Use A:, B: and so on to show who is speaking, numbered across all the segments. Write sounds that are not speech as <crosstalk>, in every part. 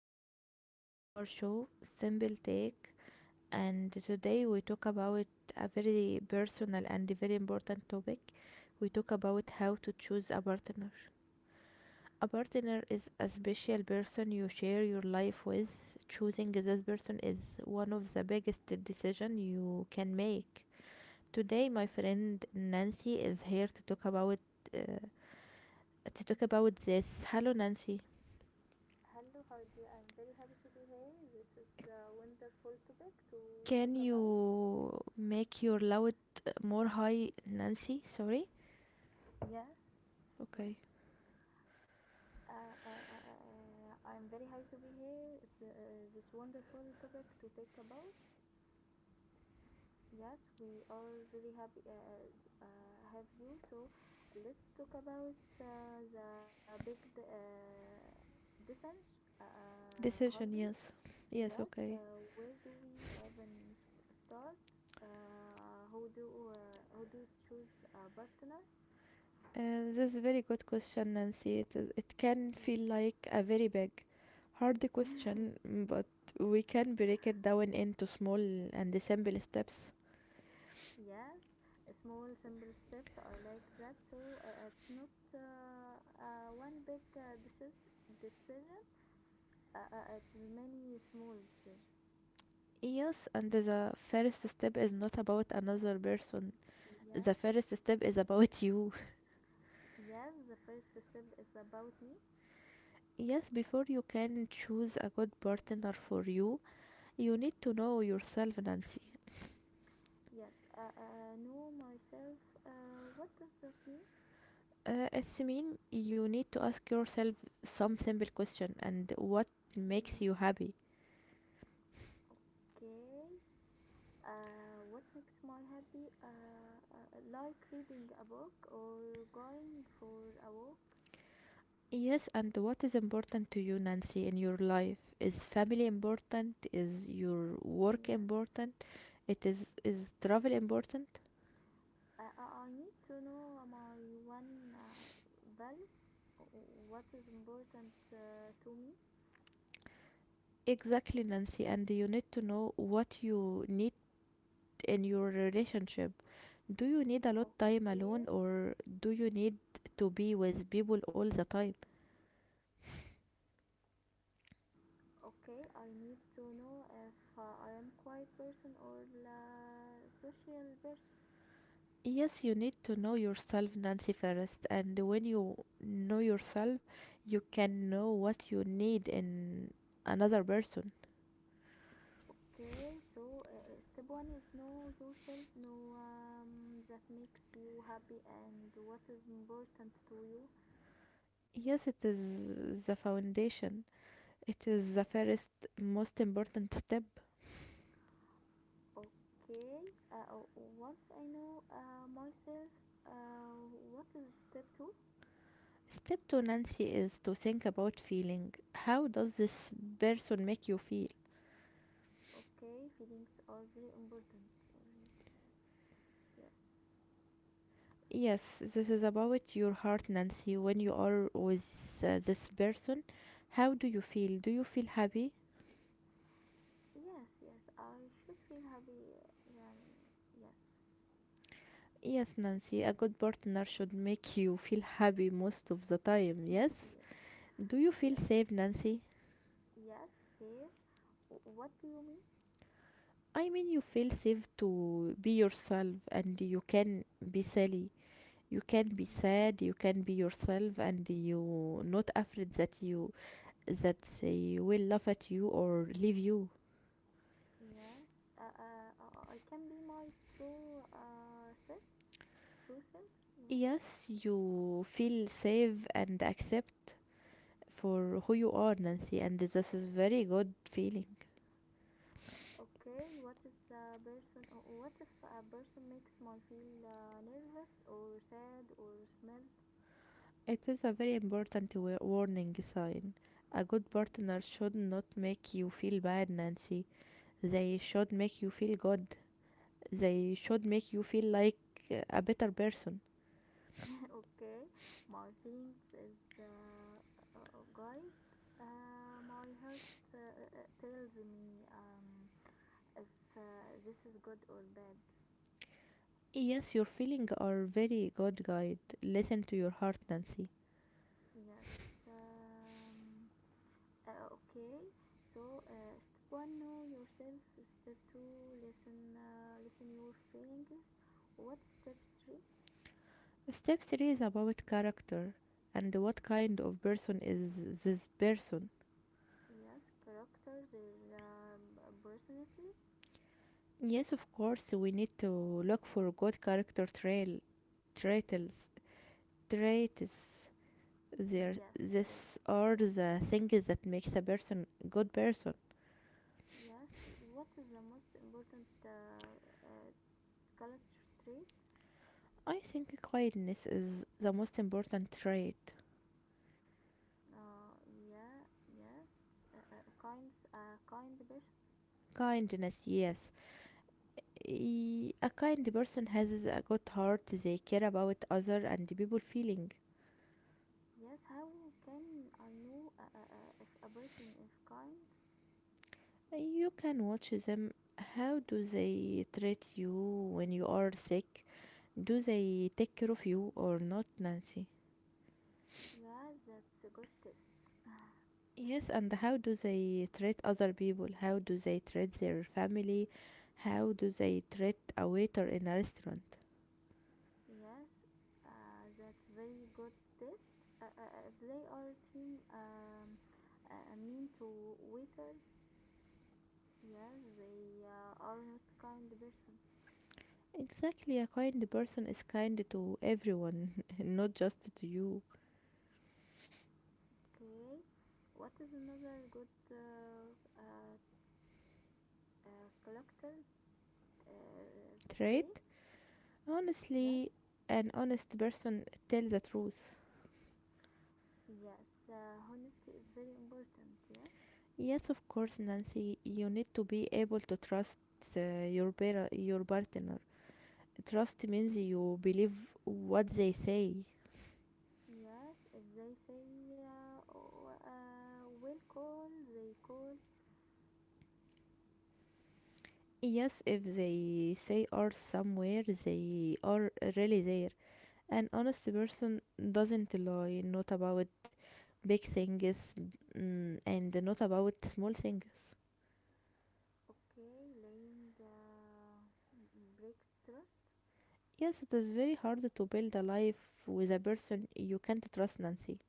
A: Heidi. This is our show, Simple Take, and today we talk about a very personal and very important topic. We talk about how to choose a partner. A partner is a special person you share your life with. Choosing this person is one of the biggest decision you can make. Today, my friend Nancy is here uh, to talk about this. Hello, Nancy.
B: Hello, hi dear. I'm very happy to be here. This is a wonderful topic to talk
A: Can
B: about.
A: you make your
B: Yeah.
A: loud more high, Nancy? Sorry.
B: Yes, yes.
A: Okay.
B: I'm very happy to be here. It's this wonderful topic to talk about. Yes, we are very happy uh, have you. So let's talk about the big descent,
A: Decision,
B: holiday.
A: yes. Yes,
B: Yes,
A: okay.
B: where do we even start? Who do choose a partner?
A: This is a very good question, Nancy. It can feel
B: Yeah.
A: like a very big, hard question, but we can break it down into small and simple steps.
B: Yes, small simple steps. I like that. So it's not one big decision. It's many small decisions.
A: Yes, and the first step is not about another person. The
B: Yes,
A: first step is about you. <laughs>
B: yes. The first step is about me.
A: Yes, before you can choose a good partner for you, you need to know yourself, Nancy.
B: Yes, know myself. What does that mean?
A: It's You need to ask yourself some simple question and what
B: Yeah.
A: makes you happy.
B: Okay. What makes my happy? Like reading a book or going for a walk.
A: Yes, and what is important to you, Nancy, in your life? Is family important? Is your work
B: Yeah.
A: important? It is travel important?
B: I need to know my one values, what is important to me.
A: Exactly, Nancy, and you need to know what you need in your relationship. Do you need a lot time
B: Okay,
A: alone or do you need to be with people all the time?
B: okay, I need to know if I am quiet person or social person.
A: Yes, you need to know yourself, Nancy first, and when you know yourself, you can know what you need in another person.
B: Okay, so step one is know yourself, know that makes you happy and what is important to you.
A: Yes, it is the foundation. It is the first most important step.
B: Okay, once I know myself, uh, what is step two?
A: Step two, Nancy, is to think about feeling. How does this person make you feel?
B: Okay, feelings are very important already. Yes.
A: Yes, this is about your heart, Nancy. When you are with this person, how do you feel? Do you feel happy?
B: Yes, I should feel happy and yes.
A: Yes, Nancy, a good partner should make you feel happy most of the time,
B: <laughs>
A: yes?
B: Yes.
A: Do you feel
B: Yes.
A: safe, Nancy?
B: Yes, safe. What do you mean?
A: I mean, you feel safe to be yourself and you can be silly. You can be
B: Yes.
A: sad, you can be yourself and you not afraid that they will laugh at you or leave you.
B: Yes. I can be my true self. True self. Yeah.
A: Yes, you feel safe and accept for who you are, Nancy, and this is very good feeling.
B: Okay, what if a person makes me feel nervous or sad or smell.
A: It is a very important warning sign. A good partner should not make you feel bad, Nancy. They should make you feel good. They should make you feel like a better person.
B: <laughs> Okay, my feelings is guide my heart tells me, if uh, this is good or bad.
A: Yes, your feelings are very good guide. Listen to your heart, Nancy.
B: Yes. um, okay, so step one, know yourself, step two, listen your feelings. What step three?
A: Step 3 is about character and what kind of person is this person.
B: Yes, characters, their personality.
A: Yes, of course, we need to look for good character trail, traitels, traits. There,
B: Yes, traits.
A: this are
B: Yes.
A: the things that makes a person a good person.
B: Yes, what is the most important uh, culture trait?
A: I think kindness is the most important trait.
B: Uh, yeah, yes, kind person.
A: Kindness, yes. A kind person has a good heart. They care about other and the people feeling.
B: Yes, how can I know if a person is kind?
A: You can watch them. How do they treat you when you are sick? Do they take care of you or not, Nancy?
B: Yeah, that's a good test.
A: Yes, and how do they treat other people? How do they treat their family? How do they treat a waiter in a restaurant?
B: Yes, that's very good test. If they are team, mean to waiter, yes, they are not kind person.
A: Exactly, a kind person is kind to everyone, <laughs> not just to you.
B: Okay. What is another good uh, collector's uh, trait?
A: Trait?
B: Yes.
A: Honestly, an honest person tells the truth.
B: Yes. Honesty is very important. Yeah.
A: Yes, of course, Nancy, you need to be able to trust your partner. Trust means you believe what they say.
B: Yes. If they say, oh, will call, they call.
A: Yes, if they say are somewhere, they are really there. An honest person doesn't lie, not about big things and not about small things.
B: Okay. Laying breaks trust.
A: Yes, it is very hard to build a life with a person you can't trust, Nancy.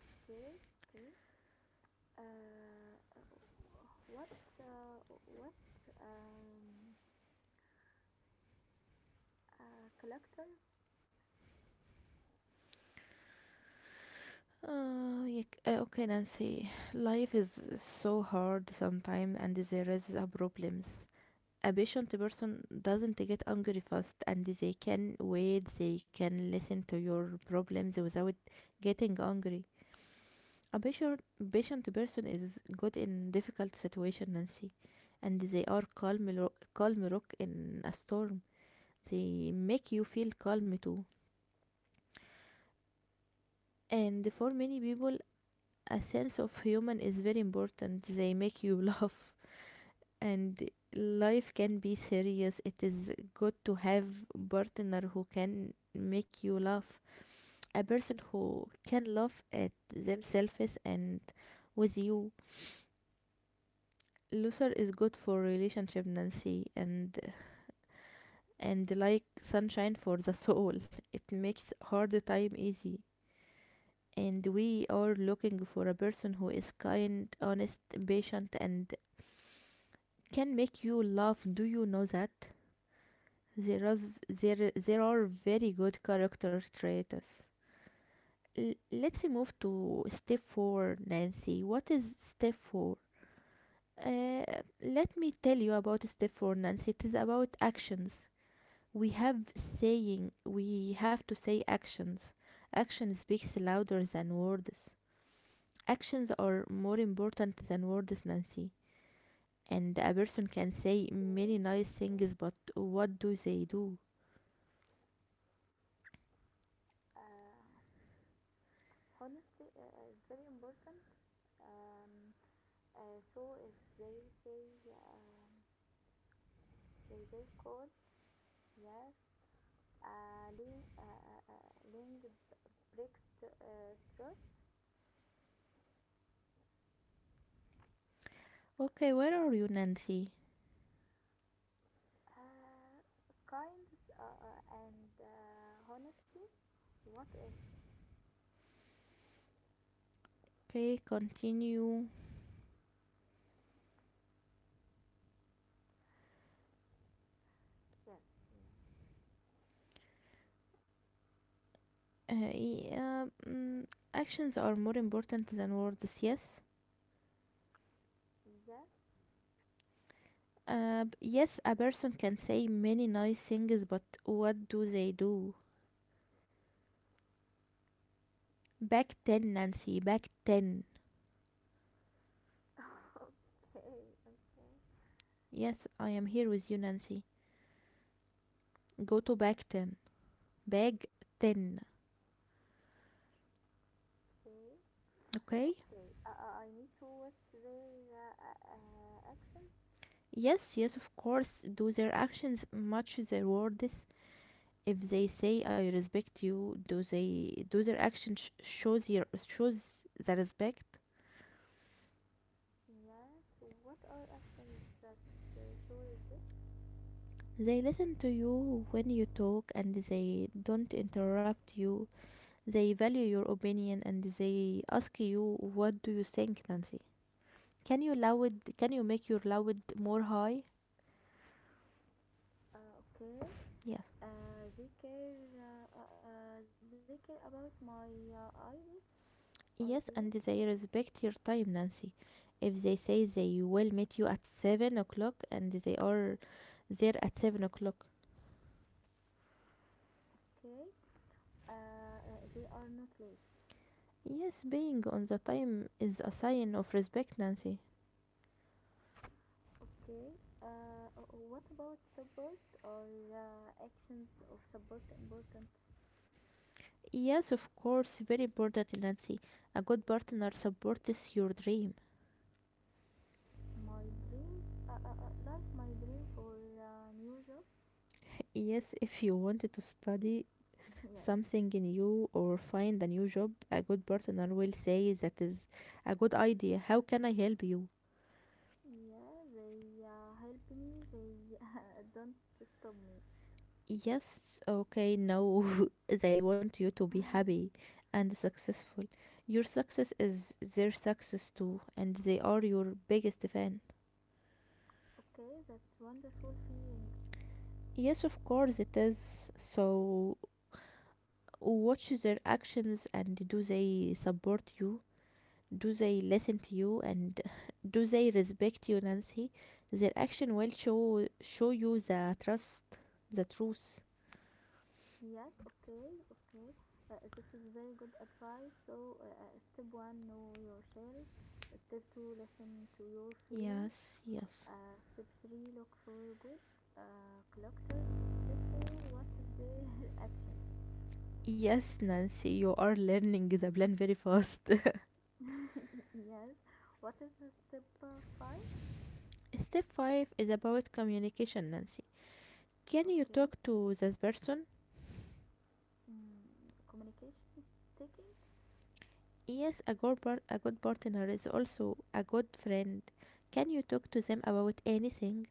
B: Okay. Okay. Uh, uh, what? Uh, what? Um, collectors.
A: Okay, Nancy. Life is so hard sometimes, and there is a problems. A patient person doesn't get angry fast, and they can wait. They can listen to your problems without getting angry. A patient, patient person is good in difficult situation, Nancy, and they are calm rock in a storm. They make you feel calm too, and for many people a sense of human is very important. They make you <laughs> laugh, and life can be serious. It is good to have partner who can make you laugh. A person who can laugh at themselves and with you. Luther is good for relationship, Nancy, and like sunshine for the soul. It makes hard time easy, and we are looking for a person who is kind, honest, patient, and can make you laugh. Do you know that? There are very good character traits. Let's move to step 4, Nancy. What is step 4? Uh, Let me tell you about step 4, Nancy. It is about actions. We have to say actions. Action speaks louder than words. Actions are more important than words, Nancy. And a person can say
B: Okay.
A: many nice
B: Okay.
A: things, but what do they do?
B: uh, honestly is very important. um, so if they say, they will call, yes, link breaks trust.
A: Okay, where are you, Nancy?
B: uh, kindness and honesty, what else?
A: Okay, continue.
B: Yes. Yeah.
A: Yeah, actions are more important than words, yes.
B: Yes.
A: Yes, a person can say many nice things, but what do they do? Back 10, Nancy, back 10.
B: <laughs> okay okay
A: Yes, I am here with you, Nancy. Go to back 10. Back 10,
B: okay,
A: okay?
B: okay, I need to watch their actions.
A: Yes, yes, of course. Do their actions match their words? If they say I respect you, do they do their actions shows the respect?
B: Yes, what are actions that uh, show respect?
A: They listen to you when you talk and they don't interrupt you. They value your opinion and they ask you, what do you think, Nancy? Can you make your loud more high?
B: Okay,
A: Yes.
B: they care. They care about my ideas. Ideas,
A: Yes, and
B: yeah.
A: they respect your time, Nancy. If they say they will meet you at 7 o'clock and they are there at 7 o'clock.
B: Okay. They are not late.
A: Yes, being on the time is a sign of respect, Nancy.
B: Okay. What about support or actions of support important?
A: Yes, of course, very important, Nancy. A good partner supports your dream.
B: My dreams, like my dream for new job.
A: Yes, if you wanted to study
B: <laughs> Yes.
A: something new or find a new job, a good partner will say that is a good idea. How can I help you?
B: Yeah, they help me. They <laughs> don't stop me.
A: Yes, okay, no, <laughs> they want you to be happy and
B: Yes.
A: successful. Your success is their success too, and they are your biggest fan.
B: Okay, that's wonderful feeling.
A: Yes, of course it is. So watch their actions and do they support you? Do they listen to you and <laughs> do they respect you, Nancy? Their action will show you the truth.
B: Yes. Okay. Okay. This is very good advice. So, step one, know yourself. Step two, listen to your feeling.
A: Yes, yes.
B: Step three, look for good collectors. Step four, what is their <laughs> actions?
A: Yes, Nancy, you are learning the plan very fast.
B: <laughs> Yes. What is the step five?
A: <laughs> Step 5 is about communication, Nancy. Can you
B: Okay.
A: talk to this person?
B: Mm, communication. Taking
A: Yes, a good partner is also a good friend. Can you talk to them about anything?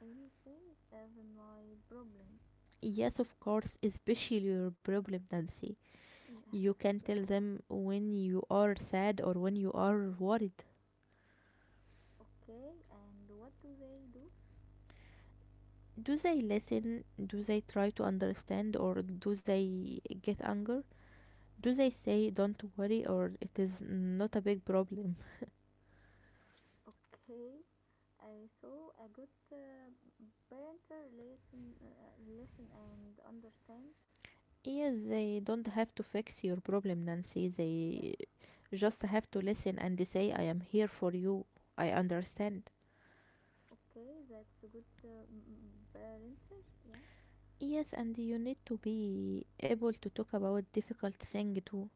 B: anything, even my problems.
A: Yes, of course, especially your problem, Nancy. You
B: Yes,
A: can tell
B: uh,
A: them when you are sad or when you are worried.
B: okay, and what do they do?
A: Do they listen? Do they try to understand or do they get anger? Do they say don't worry or it is not a big problem? <laughs>
B: Okay, so a good parent, listen, uh, listen and understand.
A: Yes, they don't have to fix your problem, Nancy.
B: Yes.
A: They just have to listen and say I am here for you. I understand.
B: Okay, that's a good parent. Yeah.
A: Yes, and you need to be able to talk about difficult thing too.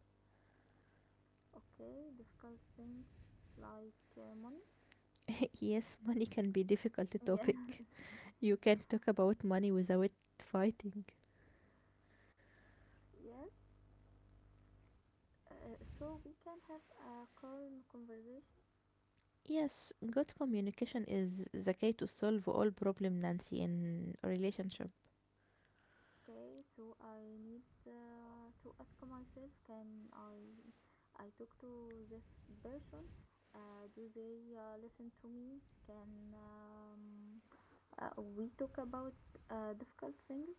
B: Okay, difficult things like money.
A: <laughs> Yes, money can be difficult
B: Yeah.
A: topic. You can not talk about money without fighting.
B: <laughs> Yes. So we can have a calm conversation.
A: Yes, good communication is the key to solve all problem, Nancy, in a relationship.
B: Okay, so I need to ask myself, can I talk to this person? Do they listen to me? Can we talk about difficult things?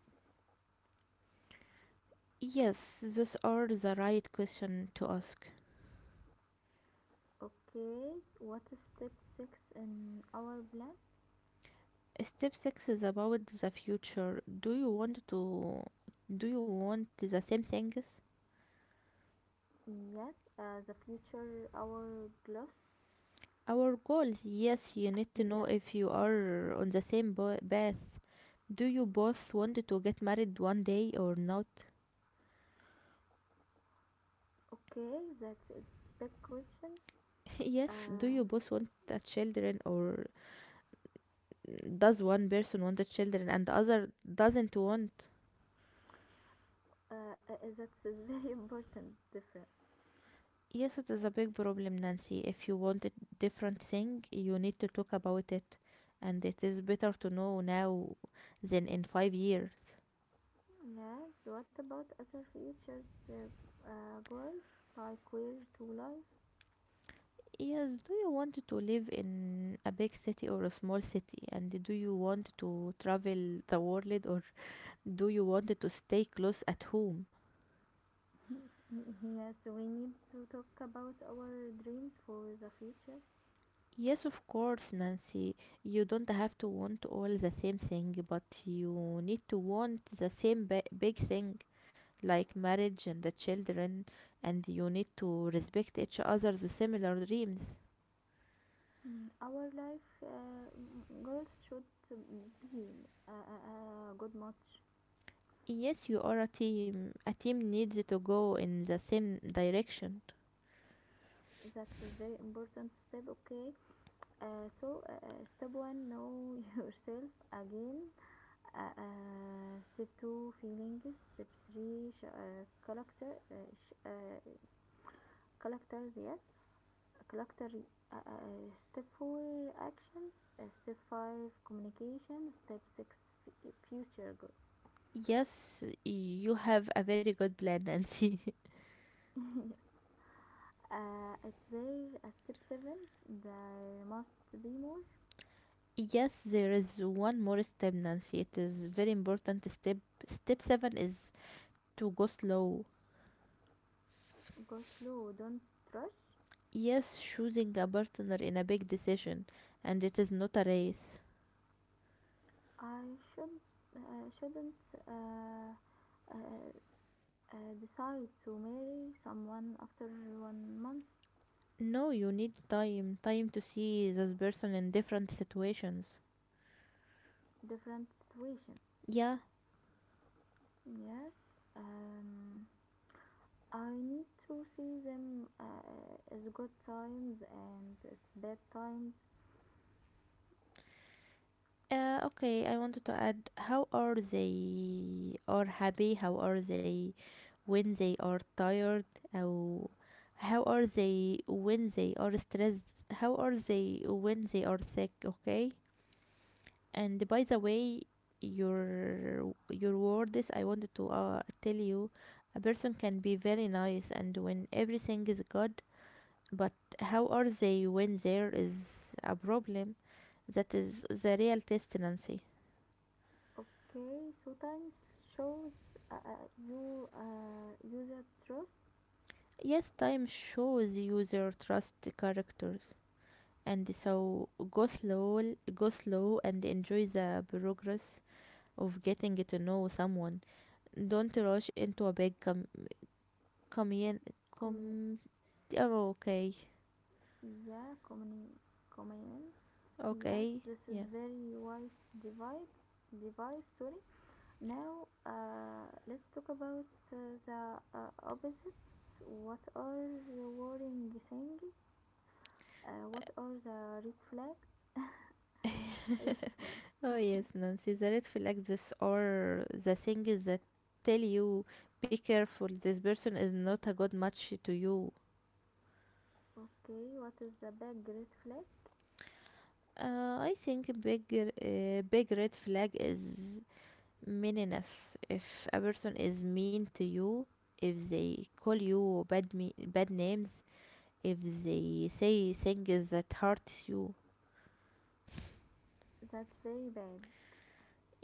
A: Yes, those are the right question to ask.
B: Okay, what is step 6 in our plan?
A: Step six is about the future. Do you want the same things?
B: Yes, the future hourglass.
A: Our goals, yes, you need to know
B: Yes.
A: if you are on the same path. Do you both want to get married one day or not?
B: Okay, that is big questions.
A: <laughs> Yes, do
B: Uh,
A: you both want a children or does one person want a children and the other doesn't want?
B: that is very <laughs> important difference.
A: Yes, it is a big problem, Nancy. If you want a different thing, you need to talk about it, and it is better to know now than in 5 years.
B: Yeah, what about other features, goals, like where to live?
A: Yes, do you want to live in a big city or a small city? And do you want to travel the world or do you want to stay close at home?
B: Mm, yes, we need to talk about our dreams for the future.
A: Yes, of course, Nancy. You don't have to want all the same thing, but you need to want the same big thing, like marriage and the children, and you need to respect each other's similar dreams.
B: Mm, our life goals should be a, a, a good match.
A: Yes, you are a team. A team needs to go in the same direction.
B: That is very important step, okay? So, step one, know <laughs> yourself again. Step two, feelings. Step three, character, sh- characters, yes. character step 4, actions, step 5, communication, step 6, future goal.
A: Yes, you have a very good plan, Nancy.
B: It's there step 7, there must be more.
A: <laughs> Yes, there is one more step, Nancy. It is very important step. Step 7 is to go slow.
B: Go slow, don't rush.
A: Yes, choosing a partner in a big decision, and it is not a race.
B: I should shouldn't uh, decide to marry someone after 1 month.
A: No, you need time, time to see this person in different situations.
B: Different situation.
A: Yeah.
B: Yes, um I need to see them as good times and as bad times.
A: Okay, I wanted to add how are they are happy, how are they when they are tired, how how are they when they are stressed, how are they when they are sick, okay? And by the way, your words I wanted to tell you, a person can be very nice and when everything is good, but how are they when there is a problem? That is the real test, Nancy.
B: Okay, so times shows uh, uh, you user trust.
A: Yes, time shows you their trust characters. And so go slow and enjoy the progress of getting to know someone. Don't rush into a big commun-
B: Communi-
A: com- Oh, okay.
B: yeah, communion. Yes,
A: Okay.
B: this is
A: Yes.
B: very wise divide device. Sorry. Now let's talk about uh, the opposite. What are the warning thing? What are the red flag? Red flag.
A: Oh, yes, Nancy. The red flags this are the things that tell you be careful. This person is not a good match to you.
B: Okay, what is the big red flag?
A: I think a big, big red flag is meanness. If a person is mean to you, if they call you bad names, if they say things that hurts you.
B: That's very bad.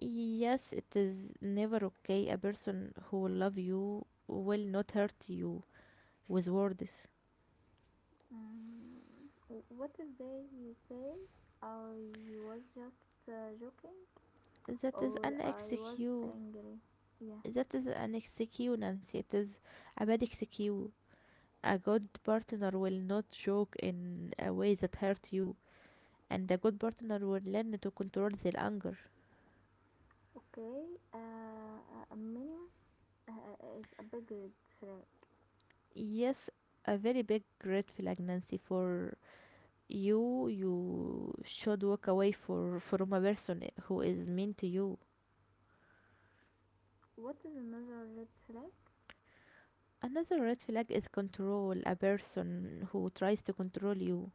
A: Yes, it is never okay. A person who love you will not hurt you with words.
B: Mm, what if they say I was just joking
A: That is
B: or
A: an
B: I was
A: excuse.
B: angry? Yeah,
A: That is an excuse, Nancy. It is a bad excuse. A good partner will not joke in a way that hurt you, and a good partner will learn to control their anger.
B: okay. A meanness is a big red flag.
A: Yes, a very big red flag, Nancy, for you. You should walk away for from a person who is mean to you.
B: What is another red flag?
A: Another red flag is control. A person who tries to control you.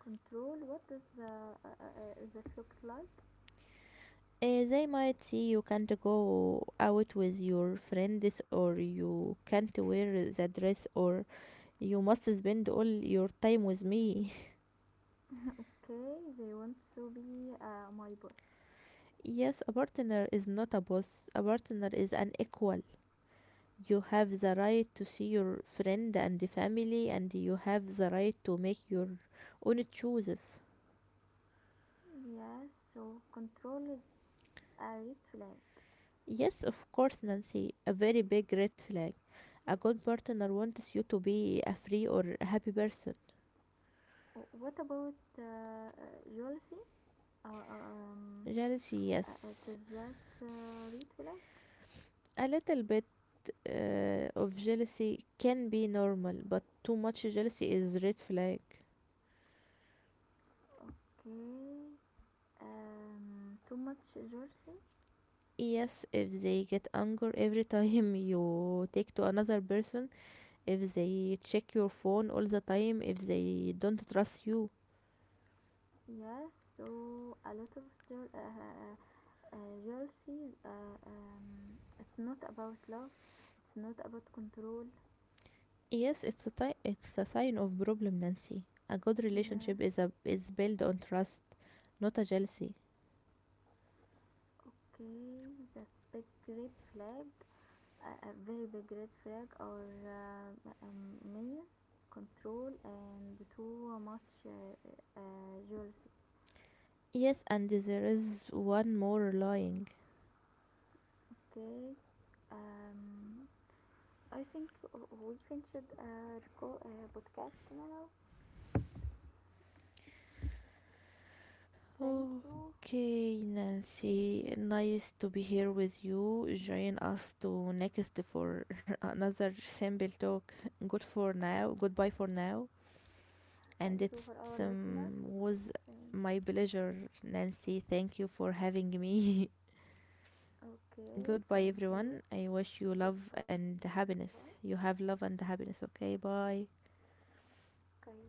B: Control. What does that look like?
A: They might see you can't go out with your friends, or you can't wear the dress, or you must spend all your time with me.
B: Okay, they want to be my boss.
A: <laughs> Yes, a partner is not a boss, a partner is an equal. You have the right to see your friend and the family, and you have the right to make your own choices.
B: Yes, yeah, so control is a red flag.
A: Yes, of course, Nancy, a very big red flag. A good partner wants you to be a free or happy person.
B: What about jealousy? Uh, uh, um,
A: Jealousy, yes.
B: does that read flag?
A: A little bit of jealousy can be normal, but too much jealousy is red flag.
B: Okay. Too much jealousy?
A: Yes, if they get angry every time <laughs> you take to another person, if they check your phone all the time, if they don't trust you.
B: Yes. So a lot of jealousy. It's not about love. It's not about control.
A: Yes, it's a sign of problem, Nancy. A good
B: Yes.
A: relationship is built on trust, not a jealousy.
B: Okay. That's big red flag. A, very big red flag, or minus control and too much jealousy.
A: Yes, and there is one more lying.
B: Okay, um, I think we finished our podcast now. Thank you.
A: Okay, Nancy, nice to be here with you. Join us to next for <laughs> another simple talk. Good for now. Goodbye for now. And
B: Thank you for
A: it's
B: our listener.
A: Was
B: Thank.
A: my pleasure, Nancy. Thank you for having me. <laughs>
B: Okay,
A: Goodbye,
B: thank you.
A: everyone. I wish you love
B: Goodbye.
A: and happiness. You have love and happiness. Okay, bye.
B: Okay, bye.